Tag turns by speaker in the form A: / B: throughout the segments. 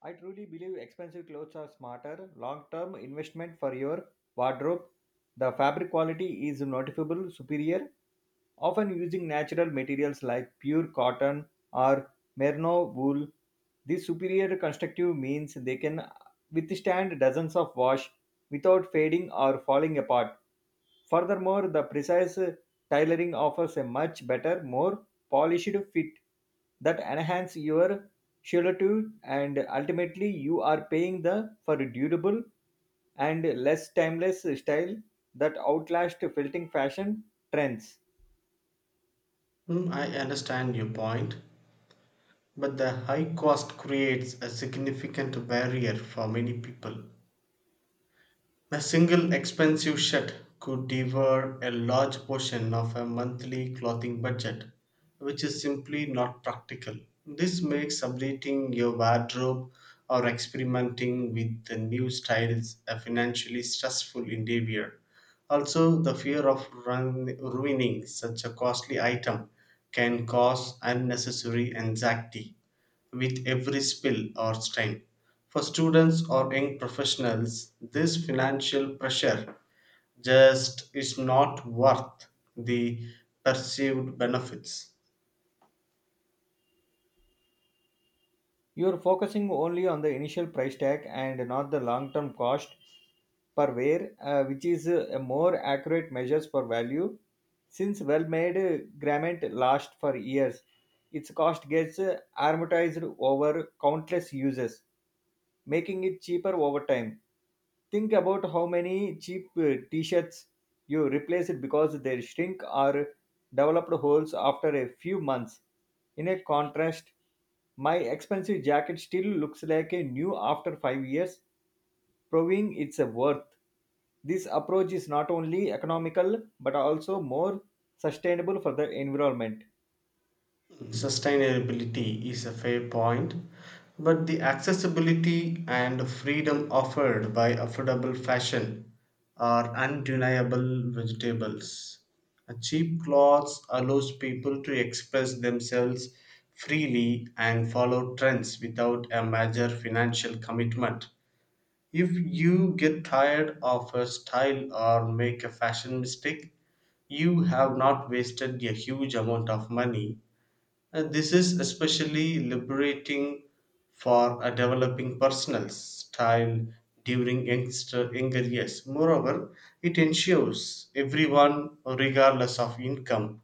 A: I truly believe expensive clothes are smarter, long term investment for your wardrobe. The fabric quality is noticeable superior, often using natural materials like pure cotton or merino wool. This superior constructive means they can withstand dozens of wash without fading or falling apart. Furthermore, the precise tailoring offers a much better, more polished fit that enhance your silhouette and ultimately you are paying the for durable and less timeless style that outlast filtering fashion trends.
B: I understand your point, but the high cost creates a significant barrier for many people. A single expensive shirt could devour a large portion of a monthly clothing budget, which is simply not practical. This makes updating your wardrobe or experimenting with the new styles a financially stressful endeavor. Also, the fear of ruining such a costly item can cause unnecessary anxiety with every spill or stain. For students or young professionals, this financial pressure just is not worth the perceived benefits.
A: You're focusing only on the initial price tag and not the long term cost per wear, which is a more accurate measures for value. Since well made garment lasts for years, its cost gets amortized over countless uses, making it cheaper over time. Think about how many cheap t-shirts you replace it because they shrink or developed holes after a few months. In a contrast, my expensive jacket still looks like a new after 5 years, proving its worth. This approach is not only economical but also more sustainable for the environment.
B: Sustainability is a fair point, but the accessibility and freedom offered by affordable fashion are undeniable vegetables. A cheap clothes allows people to express themselves freely and follow trends without a major financial commitment. If you get tired of a style or make a fashion mistake, you have not wasted a huge amount of money. This is especially liberating for a developing personal style during younger years. Moreover, it ensures everyone, regardless of income,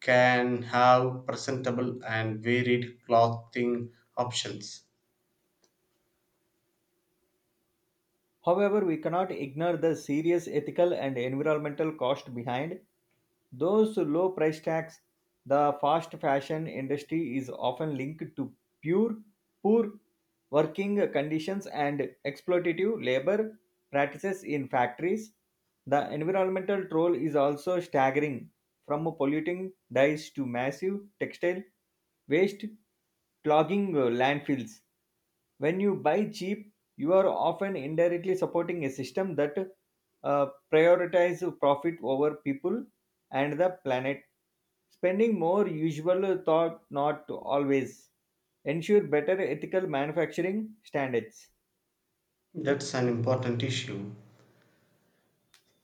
B: can have presentable and varied clothing options.
A: However, we cannot ignore the serious ethical and environmental cost behind those low price tags, the fast fashion industry is often linked to pure poor working conditions and exploitative labor practices in factories. The environmental toll is also staggering, from polluting dyes to massive textile waste clogging landfills. When you buy cheap, you are often indirectly supporting a system that uh, prioritize profit over people and the planet. Spending more usual thought not always ensure better ethical manufacturing standards.
B: That's an important issue.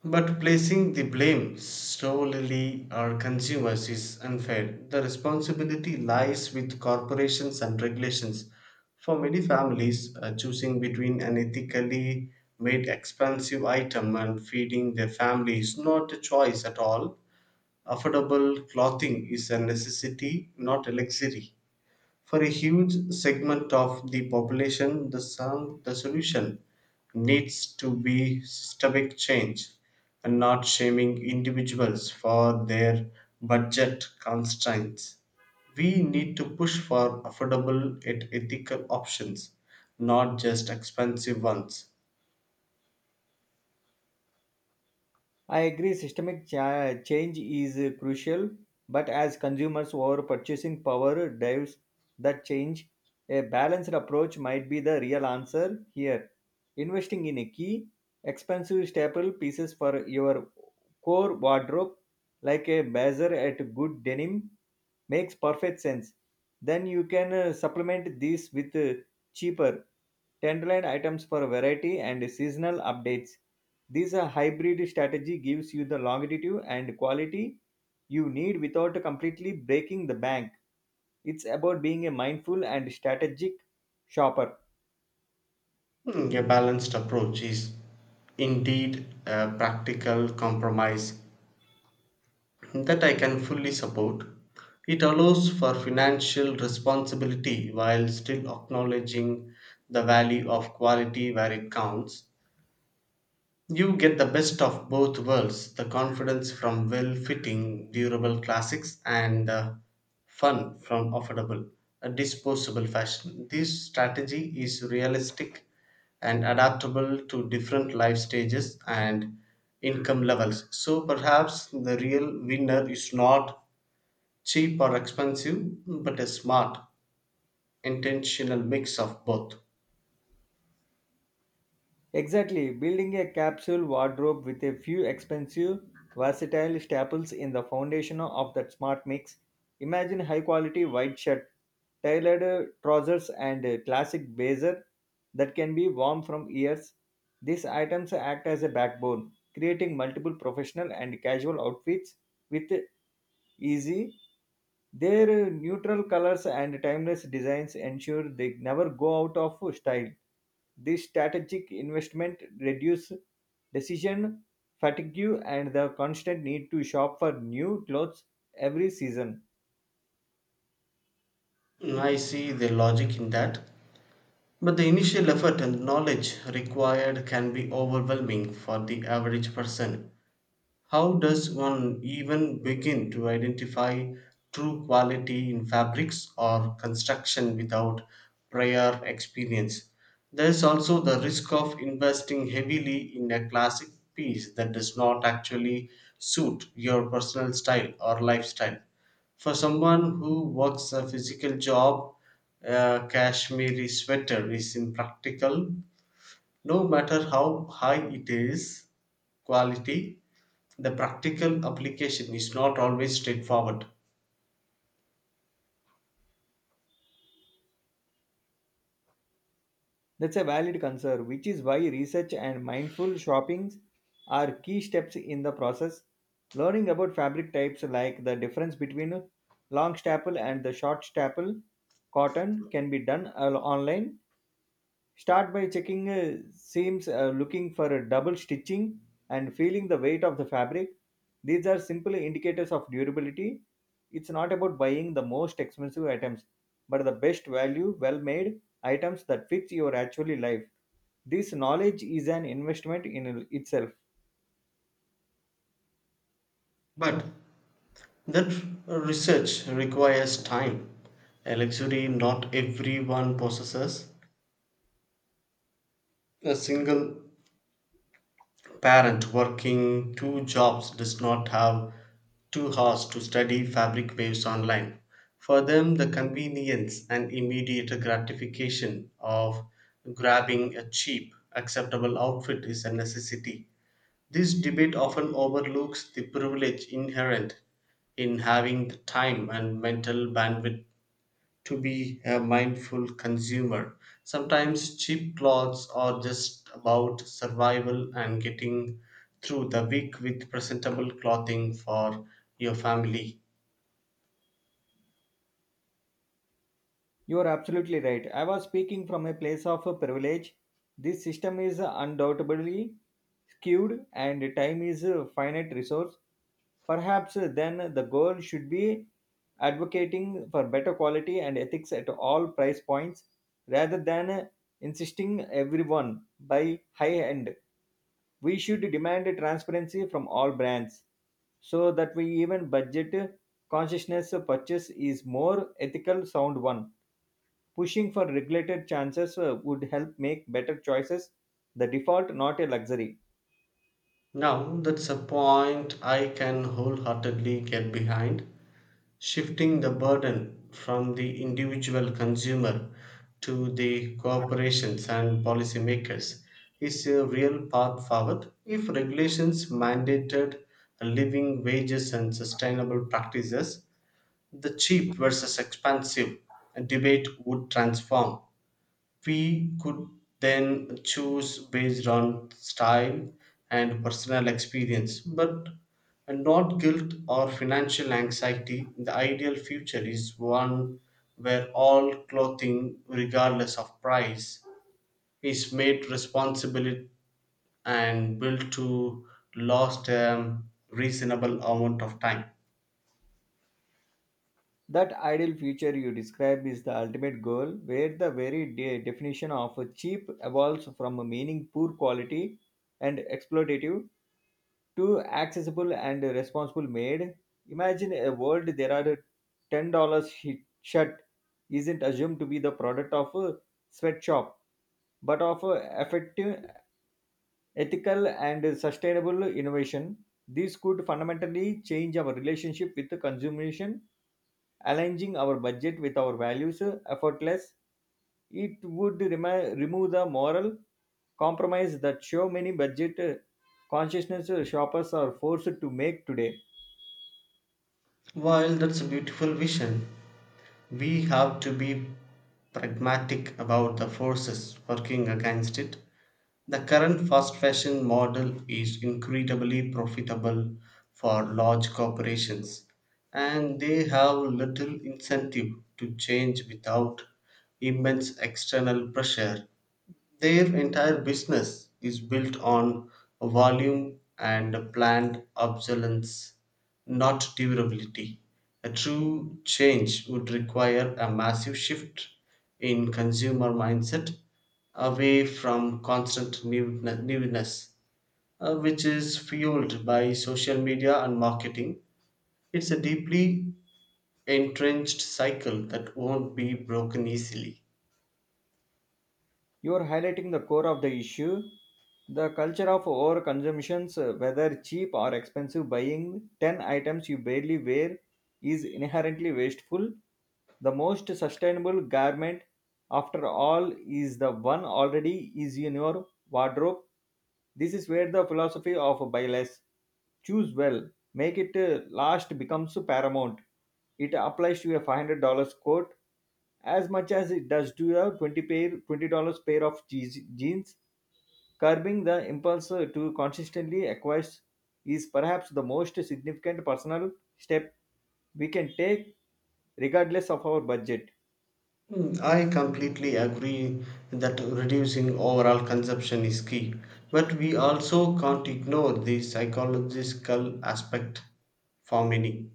B: But placing the blame solely on consumers is unfair. The responsibility lies with corporations and regulations. For many families, choosing between an ethically made expensive item and feeding their family is not a choice at all. Affordable clothing is a necessity, not a luxury. For a huge segment of the population, the solution needs to be systemic change and not shaming individuals for their budget constraints. We need to push for affordable and ethical options, not just expensive ones.
A: I agree, change is crucial, but as consumers' our purchasing power drives that change, a balanced approach might be the real answer here. Investing in a key, expensive staple pieces for your core wardrobe, like a blazer at good denim, makes perfect sense. Then you can supplement these with cheaper tenderloin items for variety and seasonal updates. This hybrid strategy gives you the longevity and quality you need without completely breaking the bank. It's about being a mindful and strategic shopper.
B: A balanced approach is indeed a practical compromise that I can fully support. It allows for financial responsibility while still acknowledging the value of quality where it counts. You get the best of both worlds, the confidence from well fitting, durable classics and the fun from affordable, disposable fashion. This strategy is realistic and adaptable to different life stages and income levels. So perhaps the real winner is not cheap or expensive, but a smart, intentional mix of both.
A: Exactly, building a capsule wardrobe with a few expensive, versatile staples in the foundation of that smart mix. Imagine high quality white shirt, tailored trousers, and a classic blazer that can be worn from years. These items act as a backbone, creating multiple professional and casual outfits with easy their neutral colors and timeless designs ensure they never go out of style. This strategic investment reduces decision fatigue and the constant need to shop for new clothes every season.
B: I see the logic in that, but the initial effort and knowledge required can be overwhelming for the average person. How does one even begin to identify true quality in fabrics or construction without prior experience? There is also the risk of investing heavily in a classic piece that does not actually suit your personal style or lifestyle. For someone who works a physical job, a cashmere sweater is impractical no matter how high it is quality. The practical application is not always straightforward,
A: That's a valid concern, which is why research and mindful shoppings are key steps in the process. Learning about fabric types like the difference between long staple and the short staple cotton can be done online. Start by checking seams, looking for a double stitching, and feeling the weight of the fabric. These are simple indicators of durability. It's not about buying the most expensive items, but the best value, well made items that fits your actual life. This knowledge is an investment in itself.
B: but that research requires time, a luxury not everyone possesses. A single parent working two jobs does not have 2 hours to study fabric waves online. For them, the convenience and immediate gratification of grabbing a cheap, acceptable outfit is a necessity. This debate often overlooks the privilege inherent in having the time and mental bandwidth to be a mindful consumer. Sometimes cheap plots are just about survival and getting through the week with presentable clothing for your family.
A: You are absolutely right. I was speaking from a place of privilege. This system is undoubtedly skewed, and time is a finite resource. Perhaps then the goal should be advocating for better quality and ethics at all price points rather than insisting everyone buy high end. We should demand transparency from all brands so that we even budget consciousness purchase is more ethical sound one. Pushing for regulated chances would help make better choices, the default, not a luxury.
B: Now, that's a point I can wholeheartedly get behind. Shifting the burden from the individual consumer to the corporations and policymakers is a real path forward. If regulations mandated living wages and sustainable practices, the cheap versus expensive debate would transform. We could then choose based on style and personal experience, but not guilt or financial anxiety. The ideal future is one where all clothing, regardless of price, is made responsible and built to last a reasonable amount of time.
A: That ideal future you describe is the ultimate goal, where the very definition of cheap evolves from a meaning poor quality and exploitative to accessible and responsible made. Imagine a world there are $10 shirt isn't assumed to be the product of a sweatshop, but of a effective ethical and sustainable innovation. These could fundamentally change our relationship with consumption, aligning our budget with our values effortless. It would remove the moral compromise that so many budget consciousness shoppers are forced to make today.
B: While that's a beautiful vision, we have to be pragmatic about the forces working against it. The current fast fashion model is incredibly profitable for large corporations, and they have little incentive to change without immense external pressure. Their entire business is built on volume and planned obsolescence, not durability. A true change would require a massive shift in consumer mindset away from newness, which is fueled by social media and marketing. It's a deeply entrenched cycle that won't be broken easily.
A: You are highlighting the core of the issue. The culture of overconsumptions, whether cheap or expensive, buying 10 items you barely wear is inherently wasteful. The most sustainable garment, after all, is the one already is in your wardrobe. This is where the philosophy of buy less, choose well, make it last becomes paramount. It applies to a $500 coat as much as it does to the $20 pair of jeans, curbing the impulse to consistently acquire is perhaps the most significant personal step we can take regardless of our budget.
B: I completely agree that reducing overall consumption is key, but we also can't ignore the psychological aspect for many.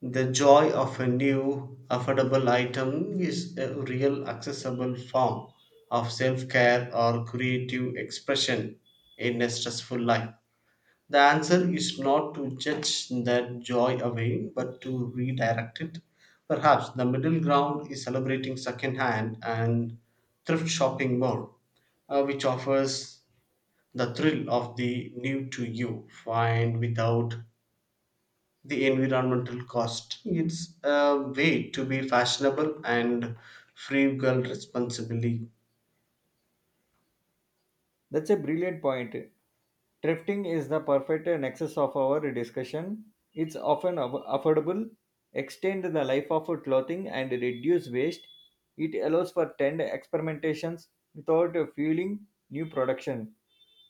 B: The joy of a new affordable item is a real accessible form of self care or creative expression in a stressful life. The answer is not to judge that joy away, but to redirect it. Perhaps the middle ground is celebrating secondhand and thrift shopping more, which offers the thrill of the new to you, find without the environmental cost. It's a way to be fashionable and frugal responsibly.
A: That's a brilliant point. Thrifting is the perfect nexus of our discussion. It's often affordable, extend the life of clothing, and reduce waste. It allows for 10 experimentations without fueling new production.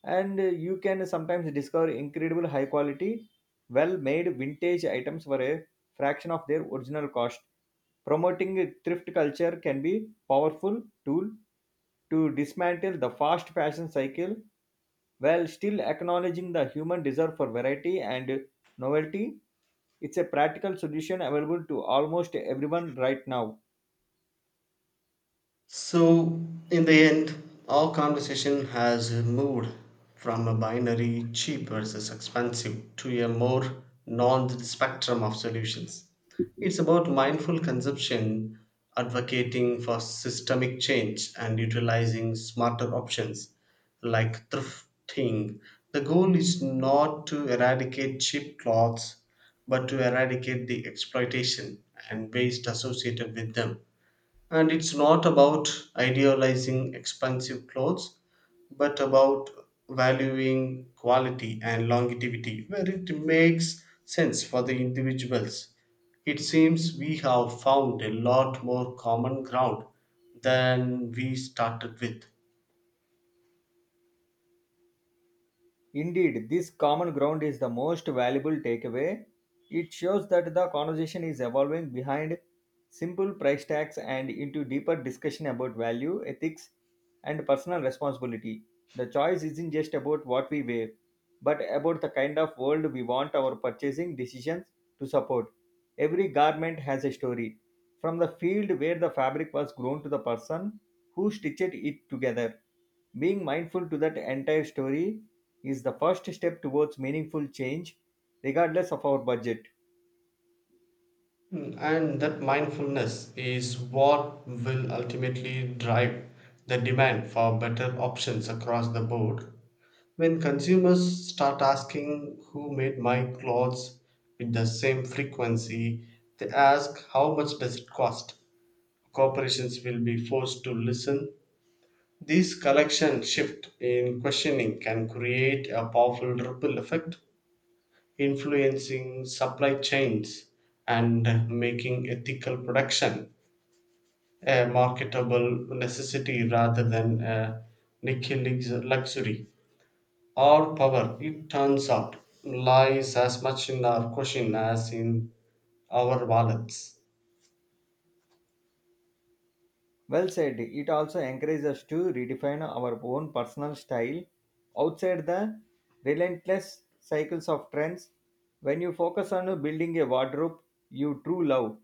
A: And you can sometimes discover incredible high quality, well made vintage items for a fraction of their original cost. Promoting thrift culture can be powerful tool to dismantle the fast fashion cycle while still acknowledging the human desire for variety and novelty, it's a practical solution available to almost everyone right now.
B: So, in the end, our conversation has moved from a binary cheap versus expensive to a more nuanced spectrum of solutions. It's about mindful consumption, advocating for systemic change, and utilizing smarter options like thrifting. The goal is not to eradicate cheap clothes, but to eradicate the exploitation and waste associated with them. And it's not about idealizing expensive clothes, but about valuing quality and longevity where it makes sense for the individuals. It seems we have found a lot more common ground than we started with.
A: Indeed, this common ground is the most valuable takeaway. It shows that the conversation is evolving behind simple price tags and into deeper discussion about value, ethics, and personal responsibility. The choice isn't just about what we wear, but about the kind of world we want our purchasing decisions to support. Every garment has a story, from the field where the fabric was grown to the person who stitched it together being mindful to that entire story is the first step towards meaningful change, regardless of our budget.
B: And that mindfulness is what will ultimately drive the demand for better options across the board. When consumers start asking who made my clothes with the same frequency they ask how much does it cost. Corporations will be forced to listen. This collection shift in questioning can create a powerful ripple effect, influencing supply chains and making ethical production a marketable necessity rather than a niche luxury. Our power, it turns out, lies as much in our caution as in our wallets.
A: Well said, it also encourages us to redefine our own personal style outside the relentless cycles of trends. When you focus on building a wardrobe you true love,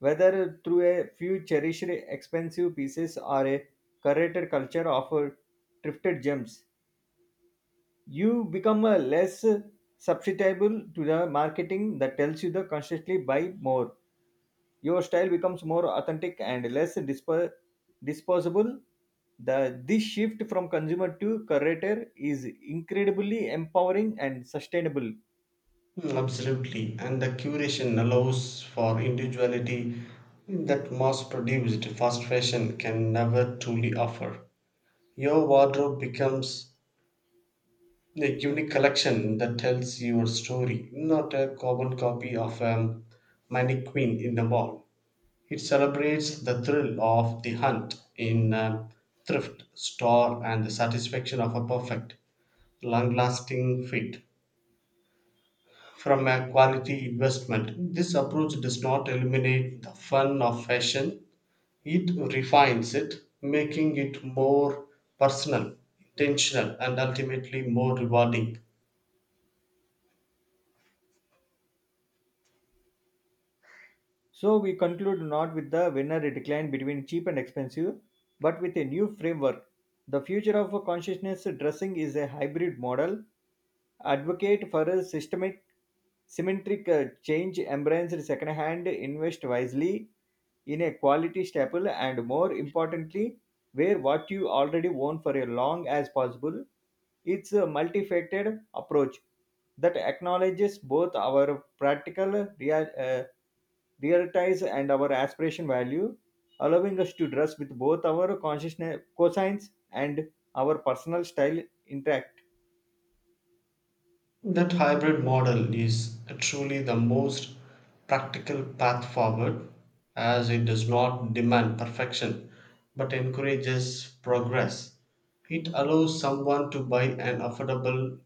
A: whether through a few cherished expensive pieces or a curated culture of thrifted gems, you become less susceptible to the marketing that tells you to constantly buy more. Your style becomes more authentic and less disposable. This shift from consumer to curator is incredibly empowering and sustainable.
B: Absolutely. And the curation allows for individuality that mass produced fast fashion can never truly offer. Your wardrobe becomes a unique collection that tells your story, not a carbon copy of a mannequin in a mall. It celebrates the thrill of the hunt in a thrift store and the satisfaction of a perfect, long lasting fit from a quality investment. This approach does not eliminate the fun of fashion, it refines it, making it more personal, intentional, and ultimately more rewarding.
A: So we conclude not with the winner decline between cheap and expensive, but with a new framework. The future of a consciousness dressing is a hybrid model, advocate for a symmetric change, embrace second-hand, invest wisely in a quality staple, and more importantly, wear what you already own for as long as possible. It's a multifaceted approach that acknowledges both our practical prioritize and our aspiration value, allowing us to dress with both our consciousness cosigns and our personal style intact.
B: That hybrid model is truly the most practical path forward as it does not demand perfection but encourages progress. It allows someone to buy an affordable,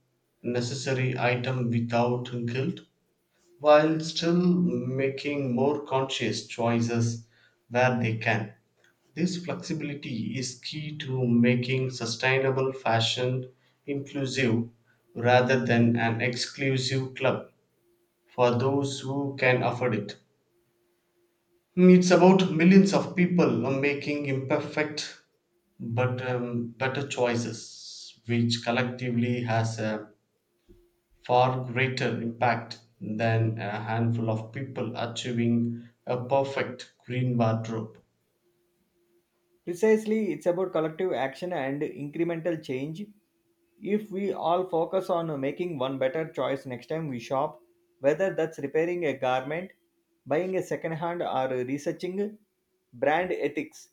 B: necessary item without guilt while still making more conscious choices where they can. This flexibility is key to making sustainable fashion inclusive rather than an exclusive club for those who can afford it. It's about millions of people making imperfect but better choices, which collectively has a far greater impact than a handful of people achieving a perfect green wardrobe.
A: Precisely, it's about collective action and incremental change. If we all focus on making one better choice next time we shop, whether that's repairing a garment, buying a second hand, or researching brand ethics,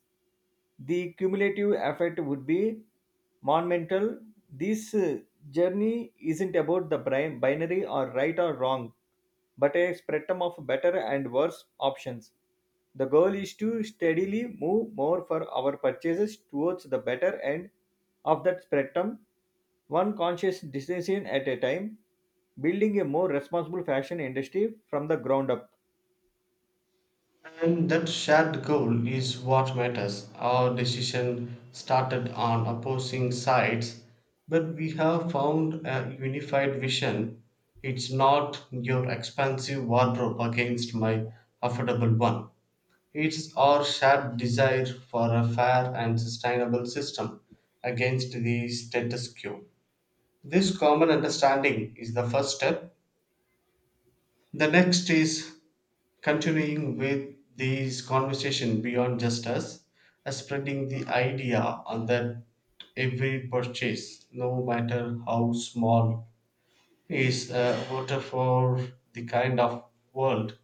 A: the cumulative effect would be monumental. This journey isn't about the binary or right or wrong, but a spectrum of better and worse options. The goal is to steadily move more for our purchases towards the better end of that spectrum, one conscious decision at a time, building a more responsible fashion industry from the ground up.
B: And that shared goal is what matters. Our decision started on opposing sides, but we have found a unified vision. It's not your expensive wardrobe against my affordable one. It's our shared desire for a fair and sustainable system against the status quo. This common understanding is the first step. The next is continuing with these conversation beyond just us, spreading the idea on that every purchase, no matter how small, is a voter for the kind of world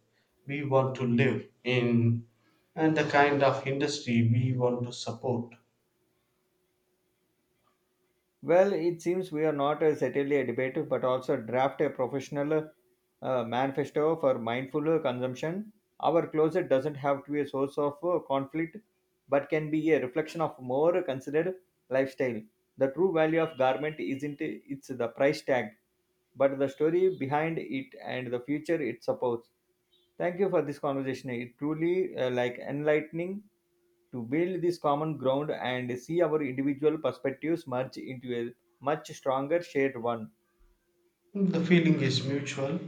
B: we want to live in and the kind of industry we want to support.
A: Well, it seems we are not certainly a debate, but also draft a professional manifesto for mindful consumption. Our closet doesn't have to be a source of conflict, but can be a reflection of more considered lifestyle. The true value of garment isn't it's the price tag, but the story behind it and the future it supports. Thank you for this conversation. It truly like enlightening to build this common ground and see our individual perspectives merge into a much stronger shared one.
B: The feeling is mutual.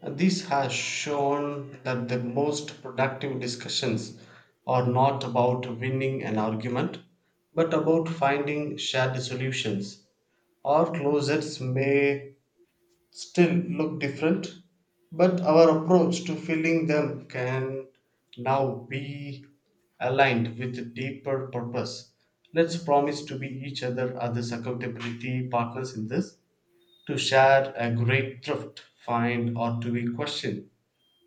B: This has shown that the most productive discussions are not about winning an argument, but about finding shared solutions. Our closets may still look different, but our approach to filling them can now be aligned with a deeper purpose. Let's promise to be each other others accountability partners in this, to share a great thrift, find, or to be questioned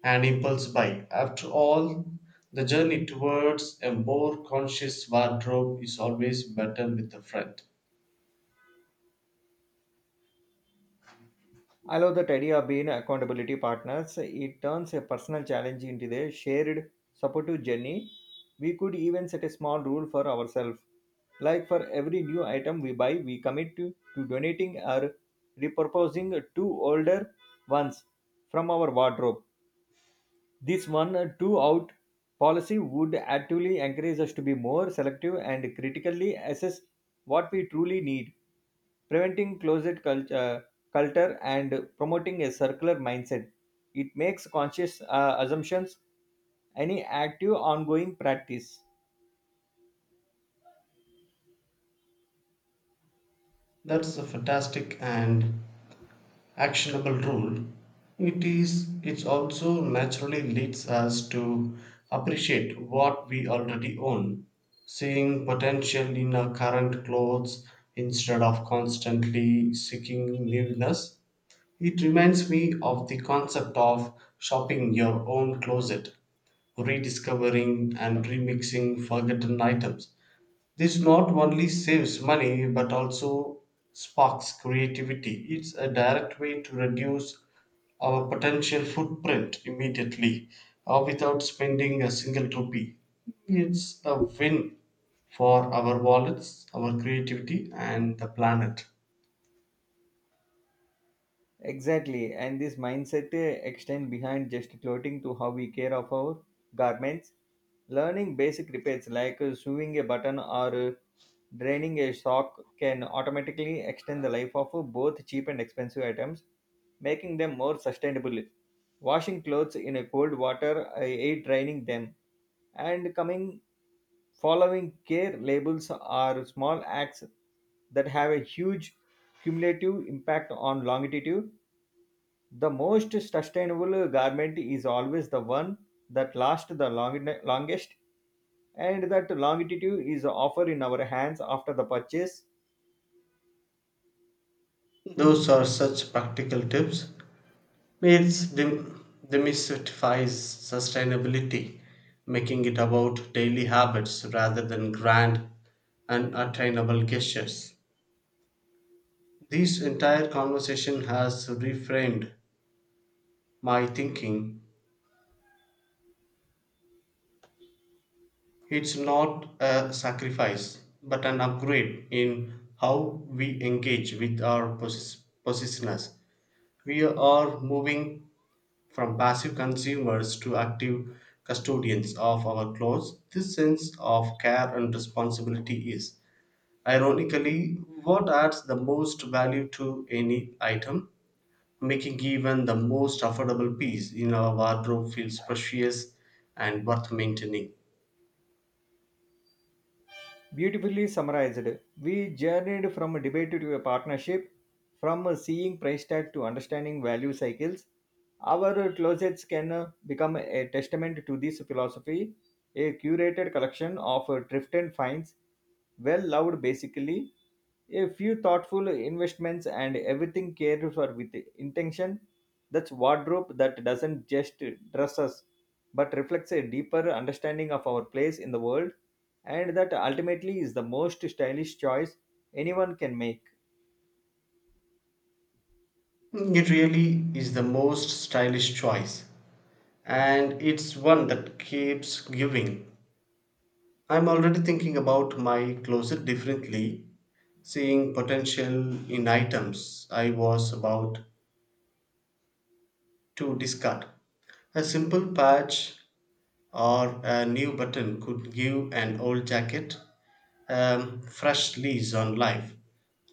B: an impulse buy. After all, the journey towards a more conscious wardrobe is always better with a friend.
A: I love that idea of being accountability partners. It turns a personal challenge into a shared supportive journey. We could even set a small rule for ourselves. Like for every new item we buy, we commit to donating or repurposing two older ones from our wardrobe. This one two out policy would actively encourage us to be more selective and critically assess what we truly need, preventing culture and promoting a circular mindset. It makes conscious assumptions any active ongoing practice.
B: That's a fantastic and actionable rule. It is it also naturally leads us to appreciate what we already own, seeing potential in our current clothes instead of constantly seeking newness. It reminds me of the concept of shopping your own closet, rediscovering and remixing forgotten items. This not only saves money but also sparks creativity. It's a direct way to reduce our potential footprint immediately or without spending a single rupee. It's a win for our wallets, our creativity, and the planet.
A: Exactly, and this mindset extend behind just clothing to how we care of our garments. Learning basic repairs like sewing a button or draining a sock can automatically extend the life of both cheap and expensive items, making them more sustainable. Washing clothes in a cold water aid draining them, and coming following care labels are small acts that have a huge cumulative impact on longevity the most sustainable garment is always the one that lasts the longest, and that longitude is offered in our hands after the purchase.
B: Those are such practical tips. It's dem- demystifies sustainability, making it about daily habits rather than grand and attainable gestures. This entire conversation has reframed my thinking. It's not a sacrifice, but an upgrade in how we engage with our possessiveness. We are moving from passive consumers to active custodians of our clothes. This sense of care and responsibility is, ironically, what adds the most value to any item, making even the most affordable piece in our wardrobe feels precious and worth maintaining.
A: Beautifully summarized, we journeyed from a debate to a partnership, from a seeing price tag to understanding value cycles. Our closets can become a testament to this philosophy, a curated collection of thrift and finds, well loved basically a few thoughtful investments and everything cared for with intention that's wardrobe that doesn't just dress us but reflects a deeper understanding of our place in the world and that ultimately is the most stylish choice anyone can make.
B: It really is the most stylish choice, and it's one that keeps giving. I'm already thinking about my closet differently, seeing potential in items I was about to discard. A simple patch or a new button could give an old jacket a fresh lease on life,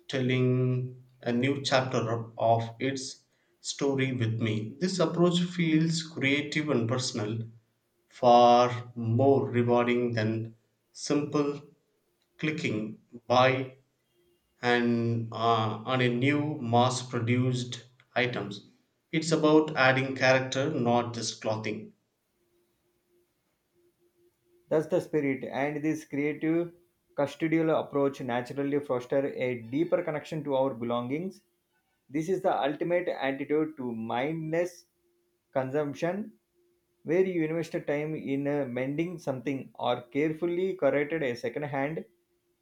B: telling a new chapter of its story with me. This approach feels creative and personal, far more rewarding than simple clicking buy and on a new mass produced items. It's about adding character, not just clothing.
A: That's the spirit, and this creative custodial approach naturally foster a deeper connection to our belongings. This is the ultimate antidote to mindless consumption, where you invest time in mending something or carefully corrected a second hand.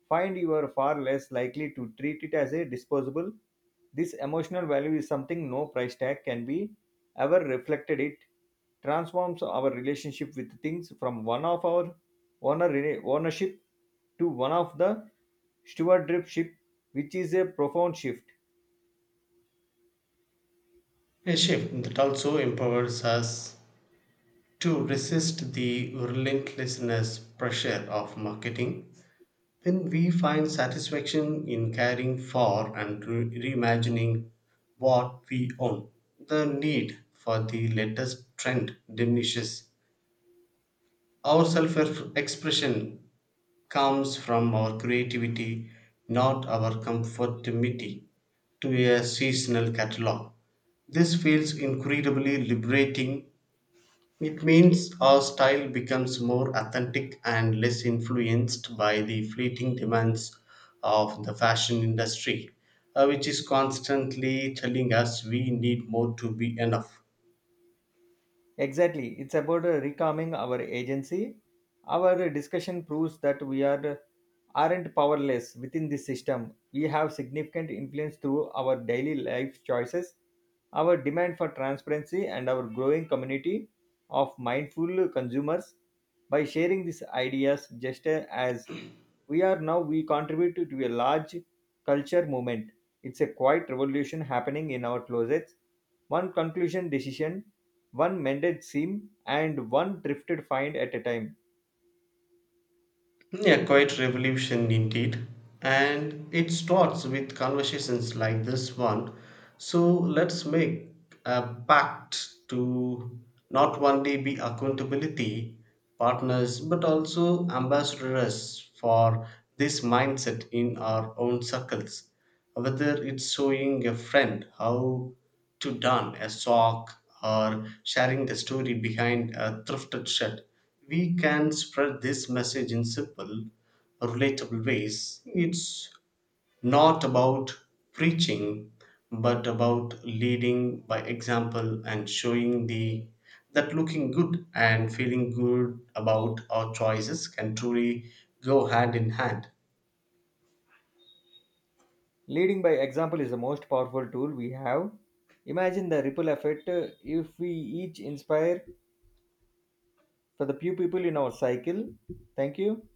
A: Find you are far less likely to treat it as a disposable. This emotional value is something no price tag can be ever reflected it transforms our relationship with things from one of our ownership to one of the stewardship, which is a profound shift.
B: A shift that also empowers us to resist the relentlessness pressure of marketing. When we find satisfaction in caring for and reimagining what we own, the need for the latest trend diminishes. Our self expression comes from our creativity, not our conformity to a seasonal catalog. This feels incredibly liberating. It means our style becomes more authentic and less influenced by the fleeting demands of the fashion industry, which is constantly telling us we need more to be enough.
A: Exactly. It's about recalming our agency. Our discussion proves that we are aren't powerless within this system. We have significant influence through our daily life choices, our demand for transparency, and our growing community of mindful consumers. By sharing these ideas, just as we are now, we contribute to a large culture movement. It's a quiet revolution happening in our closets. One conclusion decision one mended seam and one drifted find at a time.
B: Yeah, quite revolution indeed. And it starts with conversations like this one. So let's make a pact to not only be accountability partners but also ambassadors for this mindset in our own circles, whether it's showing a friend how to darn a sock or sharing the story behind a thrifted shirt, we can spread this message in simple, relatable ways. It's not about preaching, but about leading by example and showing the that looking good and feeling good about our choices can truly go hand in hand.
A: Leading by example is the most powerful tool we have. Imagine the ripple effect if we each inspire for the few people in our cycle. Thank you.